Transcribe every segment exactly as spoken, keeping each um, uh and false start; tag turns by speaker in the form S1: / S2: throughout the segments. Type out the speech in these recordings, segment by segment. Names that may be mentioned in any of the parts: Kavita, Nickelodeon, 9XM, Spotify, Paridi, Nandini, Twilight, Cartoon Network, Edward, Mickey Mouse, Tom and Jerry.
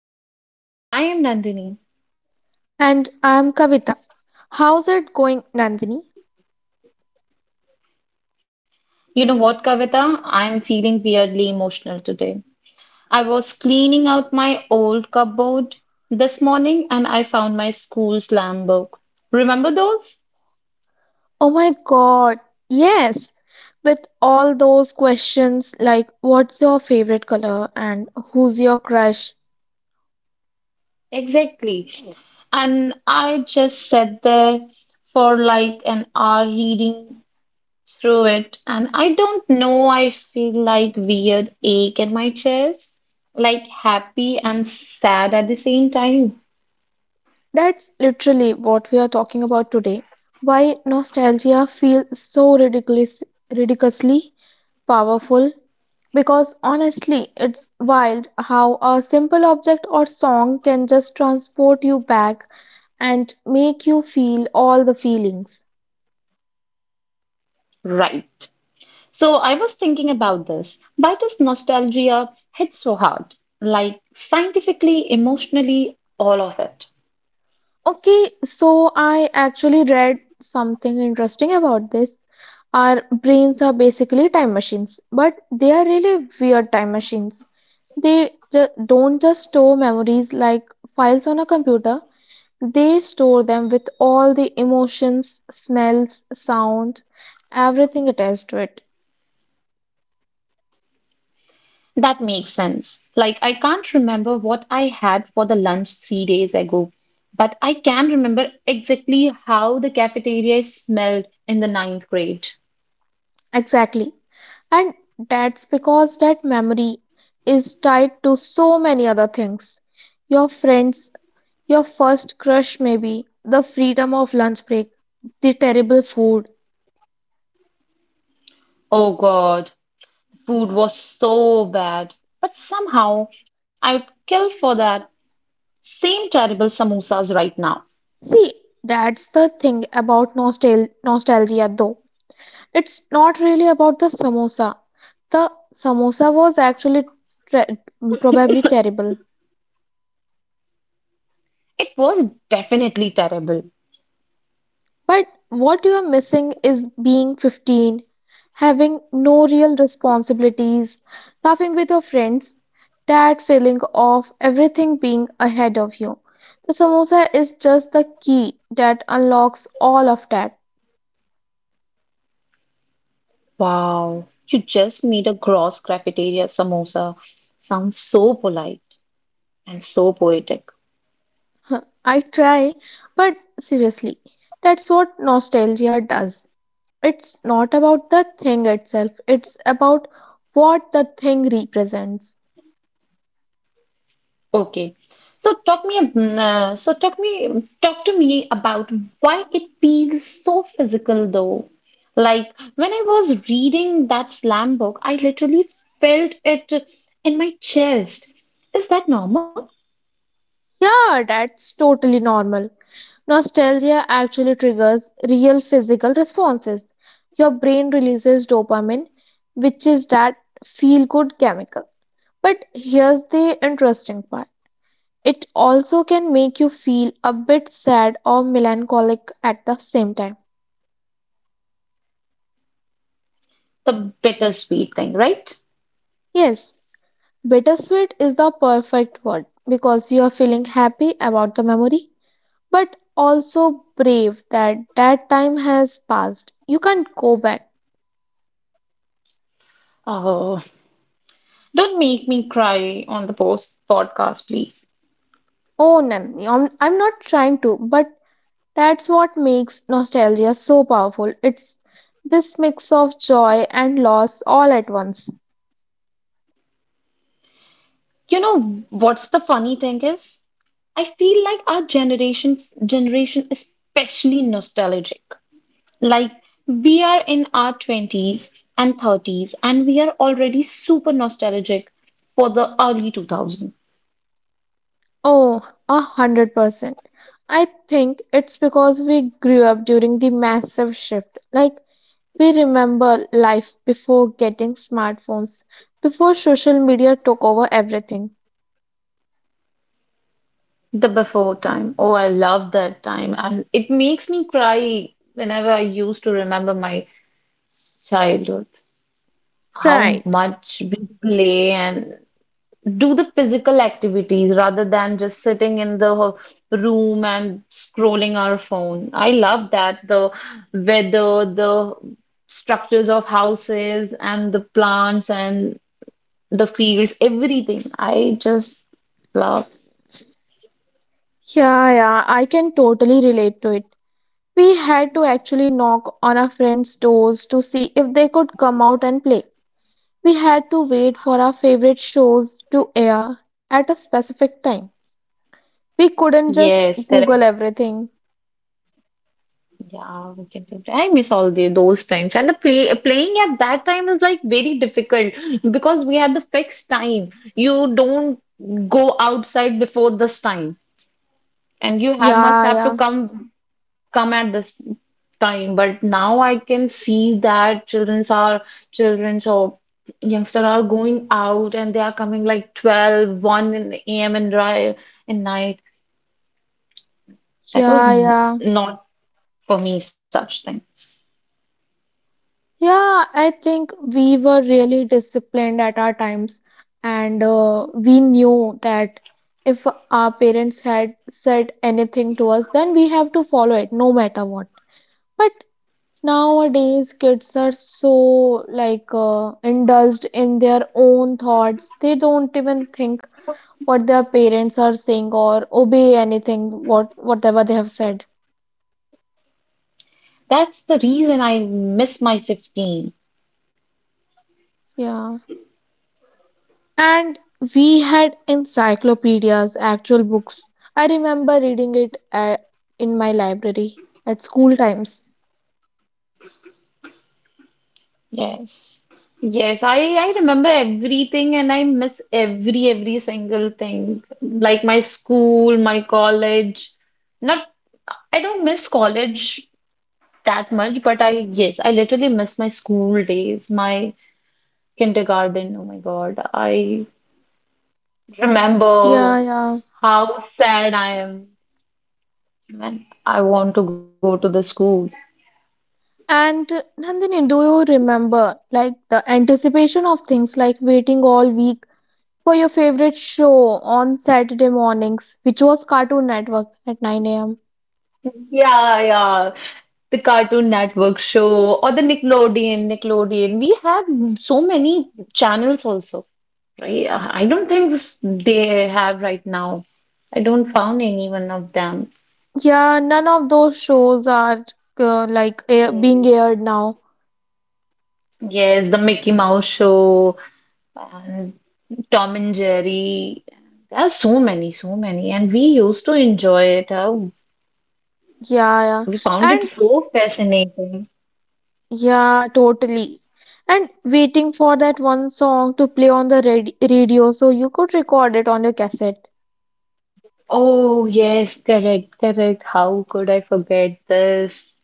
S1: back to the another episode. I am Nandini.
S2: And I'm Kavita. How's it going, Nandini?
S1: You know what, Kavita? I am feeling weirdly emotional today. I was cleaning out my old cupboard this morning and I found my school slam book. Remember those?
S2: Oh my god, yes! With all those questions like what's your favorite color and who's your crush,
S1: Exactly. And I just sat there for like an hour reading through it and I don't know, I feel like weird ache in my chest, like happy and sad at the same time.
S2: that's literally what we are talking about today. Why nostalgia feels so ridiculous, ridiculously powerful because honestly, it's wild how a simple object or song can just transport you back and make you feel all the feelings.
S1: Right, so I was thinking about this, why does nostalgia hit so hard, like scientifically, emotionally, all of it?
S2: Okay, so I actually read something interesting about this. Our brains are basically time machines, but they are really weird time machines. They ju- don't just store memories like files on a computer. They store them with all the emotions, smells, sounds, everything attached to it.
S1: That makes sense. Like, I can't remember what I had for the lunch three days ago, but I can remember exactly how the cafeteria smelled in the ninth grade.
S2: Exactly. And that's because that memory is tied to so many other things. Your friends, your first crush, maybe. The freedom of lunch break. The terrible food.
S1: Oh God, food was so bad. But somehow I would kill for that same terrible samosas right now.
S2: See, that's the thing about nostal- nostalgia, though. It's not really about the samosa. The samosa was actually tre- probably terrible.
S1: It was definitely terrible.
S2: But what you're missing is being fifteen, having no real responsibilities, laughing with your friends, that feeling of everything being ahead of you. The samosa is just the key that unlocks all of that.
S1: Wow, you just made a gross cafeteria samosa. Sounds so polite and so poetic.
S2: I try, but seriously, that's what nostalgia does. It's not about the thing itself, it's about what the thing represents.
S1: Okay. So talk me, ab- mm, uh, so talk me, talk to me about why it feels so physical though. Like, when I was reading that slam book, I literally felt it in my chest. Is that normal?
S2: Yeah, that's totally normal. Nostalgia actually triggers real physical responses. Your brain releases dopamine, which is that feel good chemical. But here's the interesting part, it also can make you feel a bit sad or melancholic at the same time.
S1: The bittersweet thing, right?
S2: Yes, bittersweet is the perfect word because you are feeling happy about the memory, but also brave that that time has passed. You can't go back.
S1: Oh, don't make me cry on the post podcast, please.
S2: Oh, Nandini, I'm, I'm not trying to, but that's what makes nostalgia so powerful. It's this mix of joy and loss all at once.
S1: You know what's the funny thing is? I feel like our generation's generation is especially nostalgic. Like, we are in our twenties and thirties, and we are already super nostalgic for the early two thousand,
S2: Oh, a hundred percent. I think it's because we grew up during the massive shift. Like, we remember life before getting smartphones, before social media took over everything.
S1: the before time. Oh, I love that time. And it makes me cry whenever I used to remember my childhood, how
S2: Right.
S1: much we play and do the physical activities rather than just sitting in the room and scrolling our phone. I love that, the weather, the structures of houses, and the plants and the fields, everything. I just love.
S2: Yeah, yeah, I can totally relate to it. We had to actually knock on our friends' doors to see if they could come out and play. We had to wait for our favorite shows to air at a specific time. We couldn't just
S1: Yes, correct.
S2: Google everything.
S1: Yeah, we can do that. I miss all the those things. And the play, playing at that time is like very difficult because we had the fixed time. You don't go outside before this time, and you have must
S2: Yeah,
S1: have to
S2: yeah,
S1: come come at this time. But now I can see that childrens are childrens or youngsters are going out and they are coming like twelve one in the am, and dry and night, that was
S2: yeah,
S1: n-
S2: yeah.
S1: not for me such thing.
S2: Yeah, I think we were really disciplined at our times, and uh, we knew that if our parents had said anything to us, then we have to follow it no matter what. But nowadays, kids are so like uh, indulged in their own thoughts. They don't even think what their parents are saying or obey anything what whatever they have said.
S1: That's the reason I miss my fifteen.
S2: Yeah. And we had encyclopedias, actual books. I remember reading it at, in my library at school times.
S1: Yes, yes, i i remember everything and I miss every every single thing, like my school, my college. Not I don't miss college that much, but I, yes, I literally miss my school days, my kindergarten. Oh my God. I remember
S2: Yeah, yeah.
S1: how sad I am when I want to go to the school.
S2: And uh, Nandini, do you remember like the anticipation of things like waiting all week for your favorite show on Saturday mornings, which was Cartoon Network at nine a m.
S1: Yeah, yeah. The Cartoon Network show, or the Nickelodeon, Nickelodeon. We have so many channels also, right? I don't think s- they have right now. I don't found any one of them.
S2: Yeah, none of those shows are uh, like air, being
S1: Yes.
S2: aired now.
S1: Yes, the Mickey Mouse show, and Tom and Jerry. There are so many, so many, and we used to enjoy it. How
S2: Yeah, yeah.
S1: we found it
S2: And
S1: so fascinating.
S2: yeah, totally. And waiting for that one song to play on the radi- radio so you could record it on your cassette.
S1: Oh, yes, correct, correct. How could I forget this?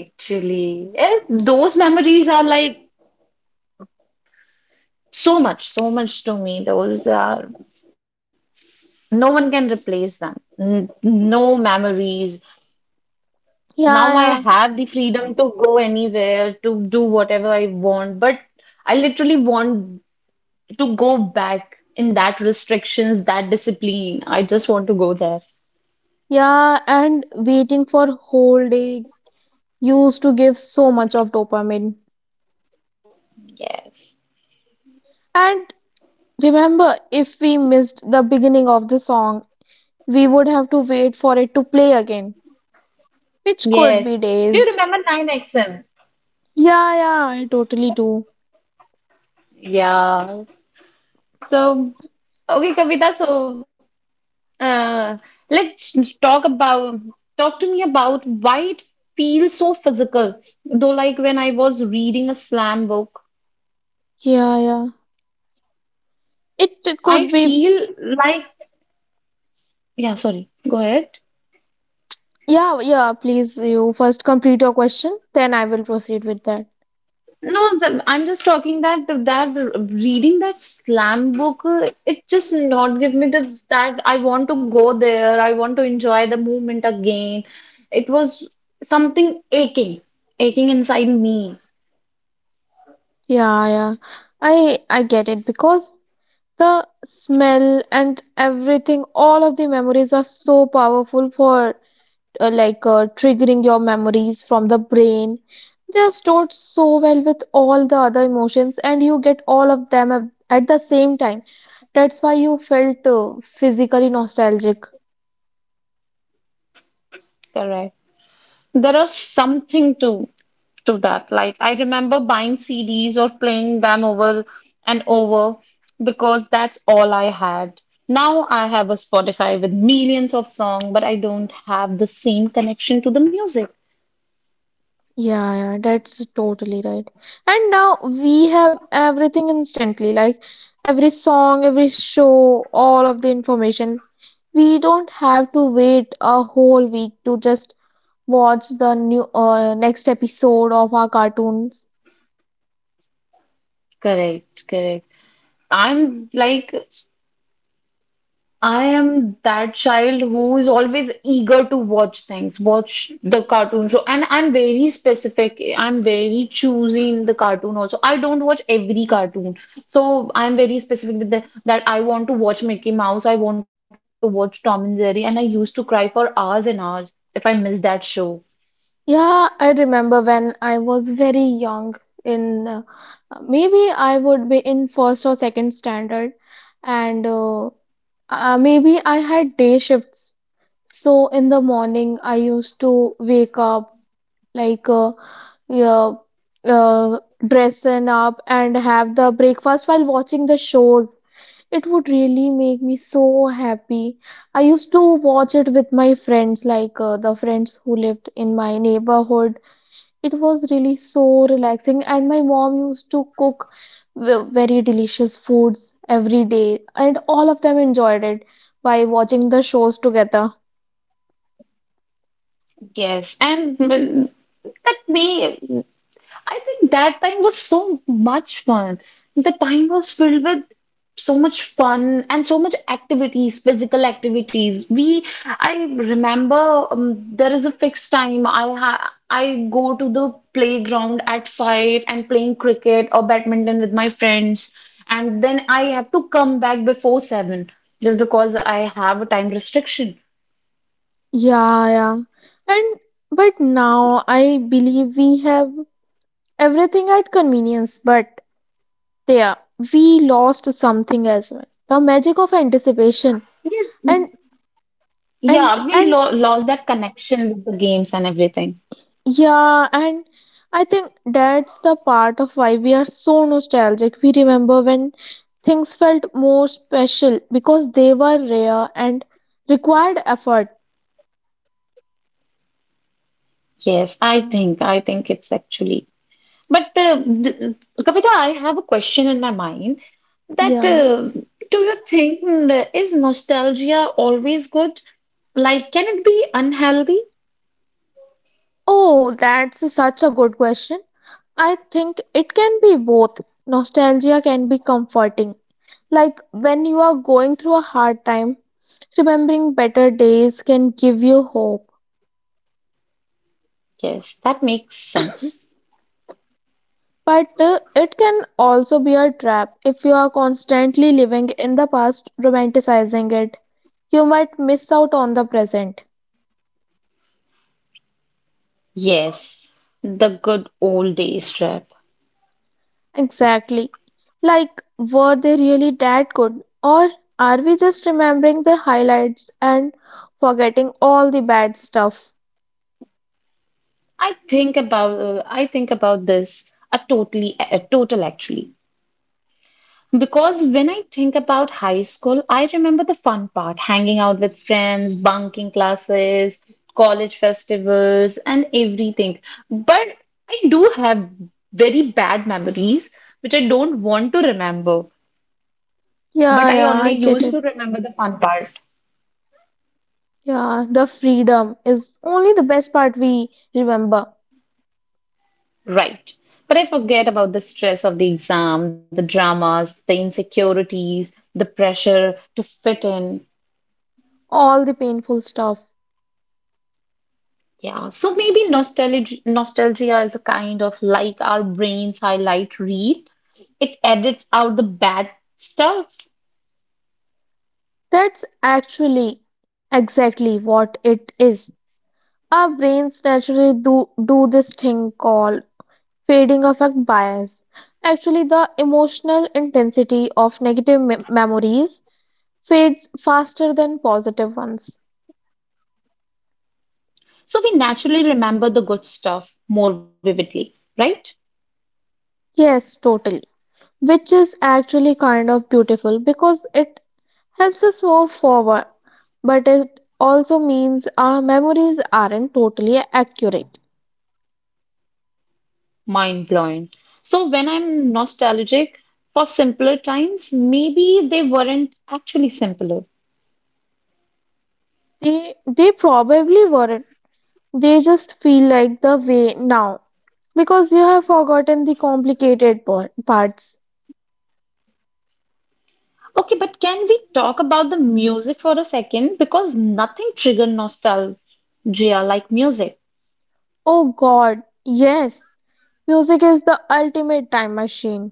S1: Actually, eh, those memories are like so much, so much to me. Those are, no one can replace them. N- No memories. Now I
S2: Yeah, yeah.
S1: have the freedom to go anywhere, to do whatever I want, but I literally want to go back in that restrictions, that discipline. I just want to go there.
S2: Yeah, and waiting for whole day used to give so much of dopamine.
S1: Yes.
S2: And remember, if we missed the beginning of the song, we would have to wait for it to play again, which could be
S1: Yes. Do you
S2: days.
S1: remember nine X M?
S2: Yeah, yeah, I totally do.
S1: Yeah. So, okay, Kavita, so uh, let's talk about talk to me about why it feels so physical. Though, like when I was reading a slam book,
S2: Yeah, yeah. It
S1: I
S2: could be.
S1: feel like, yeah, sorry. Go ahead.
S2: Yeah, yeah, please, you first complete your question, then I will proceed with that.
S1: No, th- I'm just talking that that reading that slam book, uh, it just not give me the, that I want to go there. I want to enjoy the movement again. It was something aching, aching inside me.
S2: Yeah, yeah. I I get it because the smell and everything, all of the memories are so powerful for uh, like uh, triggering your memories from the brain. They are stored so well with all the other emotions, and you get all of them at at the same time. That's why you felt uh, physically nostalgic.
S1: Correct. There are something to to that. Like I remember buying C Ds or playing them over and over because that's all I had. Now I have a Spotify with millions of songs, but I don't have the same connection to the music.
S2: Yeah, yeah, that's totally right. And now we have everything instantly, like every song, every show, all of the information. We don't have to wait a whole week to just watch the new uh, next episode of our cartoons.
S1: Correct, correct. I'm like, I am that child who is always eager to watch things, watch the cartoon show. And I'm very specific. I'm very choosy in the cartoon also. I don't watch every cartoon. So I'm very specific with the, that I want to watch Mickey Mouse, I want to watch Tom and Jerry. And I used to cry for hours and hours if I miss that show.
S2: Yeah, I remember when I was very young, in uh, maybe I would be in first or second standard, and uh, uh, maybe I had day shifts. So in the morning I used to wake up, like uh, yeah, uh, dressing up and have the breakfast while watching the shows. It would really make me so happy. I used to watch it with my friends, like uh, the friends who lived in my neighborhood. It was really so relaxing, and my mom used to cook ve- very delicious foods every day, and all of them enjoyed it by watching the shows together.
S1: Yes. And well, that may, I think that time was so much fun. The time was filled with so much fun and so much activities, physical activities. We, I remember um, there is a fixed time. I ha I go to the playground at five and playing cricket or badminton with my friends, and then I have to come back before seven, just because I have a time restriction.
S2: Yeah, yeah. And but now I believe we have everything at convenience, but there we lost something as well. The magic of anticipation.
S1: Yes,
S2: And and
S1: yeah, we
S2: and
S1: lo lost that connection with the games and everything.
S2: Yeah, and I think that's the part of why we are so nostalgic. We remember when things felt more special because they were rare and required effort.
S1: Yes, I think I think it's actually. But uh, th Kavita, I have a question in my mind that
S2: Yeah.
S1: uh, do you think, uh, is nostalgia always good? Like, can it be unhealthy?
S2: Oh, that's such a good question. I think it can be both. Nostalgia can be comforting. Like when you are going through a hard time, remembering better days can give you hope.
S1: Yes, that makes sense.
S2: But uh, it can also be a trap if you are constantly living in the past, romanticizing it. You might miss out on the present.
S1: Yes, the good old days trip.
S2: Exactly. Like, were they really that good? Or are we just remembering the highlights and forgetting all the bad stuff?
S1: I think about uh, I think about this, a totally a total actually. Because when I think about high school, I remember the fun part, hanging out with friends, bunking classes, college festivals, and everything. But I do have very bad memories which I don't want to remember. But
S2: Yeah,
S1: I
S2: yeah,
S1: only
S2: I get
S1: used
S2: it.
S1: to remember the fun part,
S2: Yeah, the freedom is only the best part we remember.
S1: right? But I forget about the stress of the exam, the dramas, the insecurities, the pressure to fit in.
S2: All the painful stuff.
S1: Yeah, so maybe nostalgia, nostalgia is a kind of like our brains highlight reel. It edits out the bad stuff.
S2: That's actually exactly what it is. Our brains naturally do, do this thing called fading affect bias. Actually, the emotional intensity of negative me- memories fades faster than positive ones.
S1: So we naturally remember the good stuff more vividly, right?
S2: Yes, totally. Which is actually kind of beautiful because it helps us move forward, but it also means our memories aren't totally accurate.
S1: Mind blowing. So when I'm nostalgic for simpler times, maybe they weren't actually simpler.
S2: They, they probably weren't. They just feel like the way now because you have forgotten the complicated por- parts.
S1: Okay, but can we talk about the music for a second? Because nothing triggered nostalgia like music.
S2: Oh god, yes, music is the ultimate time machine.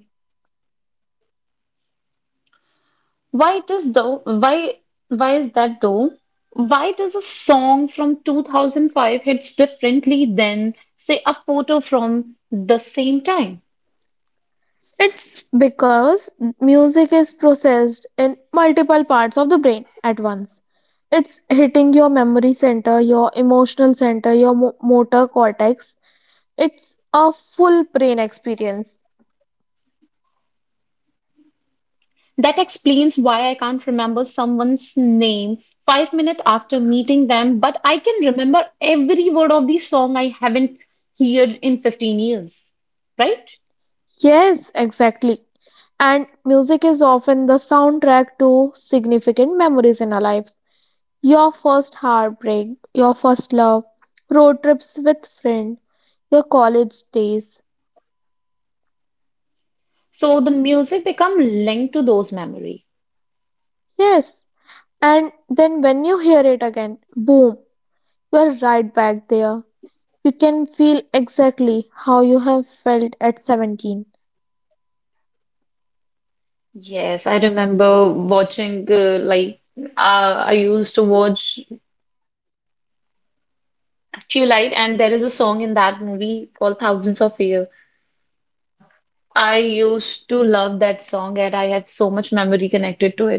S1: Why it is though? Why why is that though? Why does a song from two thousand five hits differently than say a photo from the same time?
S2: It's because music is processed in multiple parts of the brain at once. It's hitting your memory center, your emotional center, your mo- motor cortex. It's a full brain experience.
S1: That explains why I can't remember someone's name five minutes after meeting them, but I can remember every word of the song I haven't heard in fifteen years, right?
S2: Yes, exactly. And music is often the soundtrack to significant memories in our lives. Your first heartbreak, your first love, road trips with friends, your college days.
S1: So the music become linked to those memories.
S2: Yes, and then when you hear it again, boom, you're right back there. You can feel exactly how you have felt at seventeen.
S1: Yes, I remember watching uh, like uh, I used to watch Twilight, and there is a song in that movie called Thousands of Years. I used to love that song, and I have so much memory connected to it.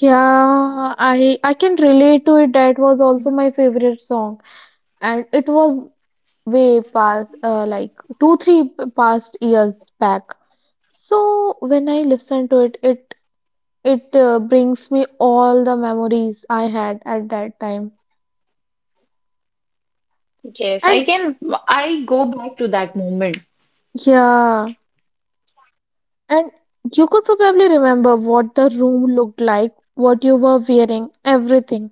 S2: Yeah, I I can relate to it. That was also my favorite song, and it was way past uh, like two three p- past years back. So when I listen to it it it uh, brings me all the memories I had at that time.
S1: Yes,
S2: And
S1: I can. I go back to that moment.
S2: yeah, and you could probably remember what the room looked like, what you were wearing, everything.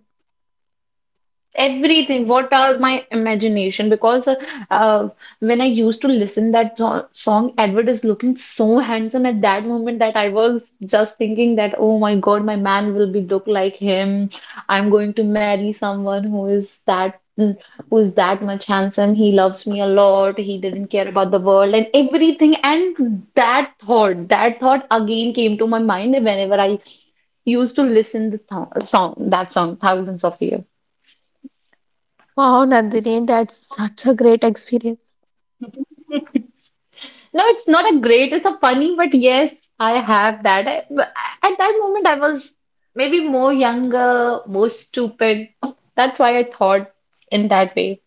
S1: Everything, what are my imagination, because uh, uh, when I used to listen that so- song, Edward is looking so handsome at that moment, that I was just thinking that, oh my God, my man will be look like him. I'm going to marry someone who is that, mm, who is that much handsome, he loves me a lot, he didn't care about the world and everything. And that thought that thought again came to my mind whenever I used to listen this th- song, that song, Thousands of Years.
S2: Wow, Nandini, that's such a great experience.
S1: No, it's not a great, it's a funny, but yes, I have that. I, but at that moment, I was maybe more younger, more stupid. That's why I thought in that way.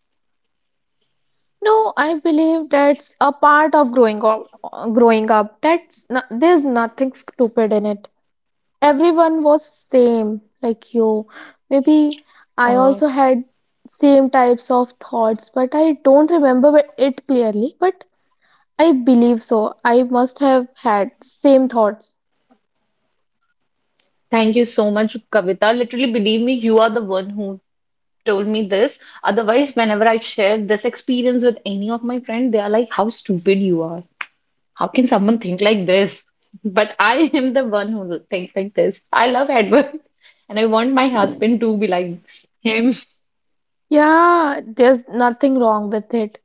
S2: No, I believe that's a part of growing up growing up That's no, there's nothing stupid in it. Everyone was same like you. Maybe I
S1: Oh,
S2: also had same types of thoughts, but I don't remember it clearly, but I believe so I must have had same thoughts.
S1: thank you so much, Kavita. Literally, believe me, you are the one who told me this. Otherwise, whenever I share this experience with any of my friends, they are like, how stupid you are. How can someone think like this? But I am the one who think like this. I love Edward, and I want my husband to be like him.
S2: Yeah, there's nothing wrong with it.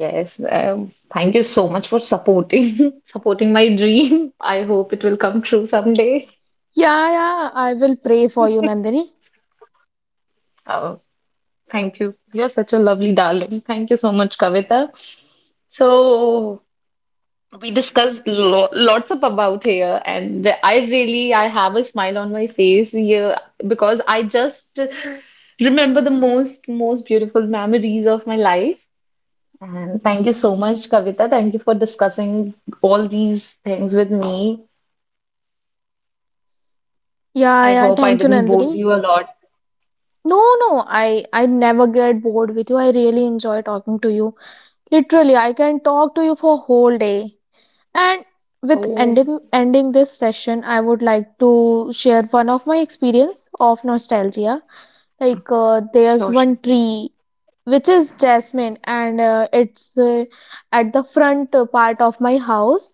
S1: Yes, um, thank you so much for supporting supporting my dream. I hope it will come true someday.
S2: Yeah, yeah, I will pray for you, Nandini.
S1: Uh, thank you. You're such a lovely darling. Thank you so much, Kavita. So we discussed lo lots of about here, and I really, I have a smile on my face here because I just remember the most most beautiful memories of my life. And thank you so much, Kavita. Thank you for discussing all these things with me.
S2: Yeah,
S1: I
S2: yeah,
S1: hope I
S2: thank you,
S1: didn't bore
S2: Nandini.
S1: you a lot.
S2: No, no, i i never get bored with you. I really enjoy talking to you. Literally, I can talk to you for whole day. And with
S1: Oh,
S2: ending ending this session, I would like to share one of my experience of nostalgia. Like uh, there's
S1: sure,
S2: one
S1: sure.
S2: tree which is jasmine, and uh, it's uh, at the front uh, part of my house,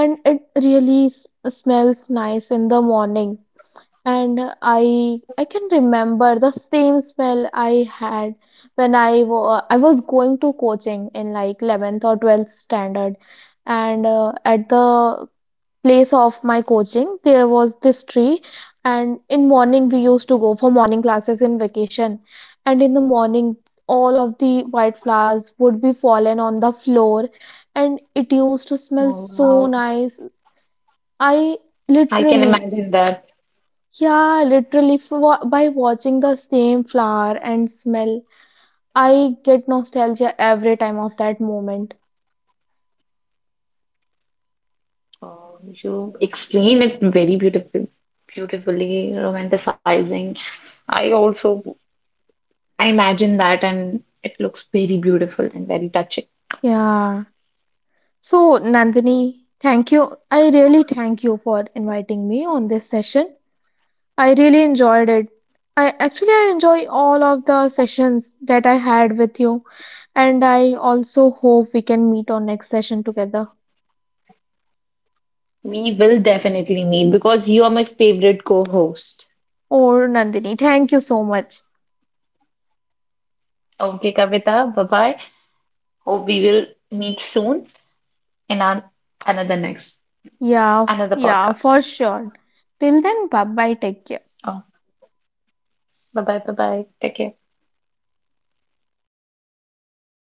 S2: and it really s- smells nice in the morning. And i i can remember the same smell I had when i wa- I was going to coaching in like eleventh or twelfth standard. And uh, at the place of my coaching there was this tree, and in morning we used to go for morning classes in vacation. And in the morning, all of the white flowers would be fallen on the floor, and it used to smell
S1: Oh,
S2: so
S1: wow.
S2: nice. I
S1: I can
S2: literally,
S1: imagine that.
S2: yeah, literally, for, wa- by watching the same flower and smell, I get nostalgia every time of that moment.
S1: Uh, you explain it very beautiful, beautifully, romanticizing. I also, I imagine that, and it looks very beautiful and very touching.
S2: Yeah. So, Nandini, thank you. I really thank you for inviting me on this session. I really enjoyed it. I actually I enjoy all of the sessions that I had with you, and I also hope we can meet on next session together.
S1: We will definitely meet because you are my favorite co-host.
S2: Oh, Nandini, thank you so much.
S1: Okay, Kavita, bye-bye. Hope we will meet soon in our another next
S2: Yeah,
S1: another
S2: yeah, for
S1: podcast.
S2: sure. Till then, bye bye, take care.
S1: Oh, bye-bye, bye-bye. Take care.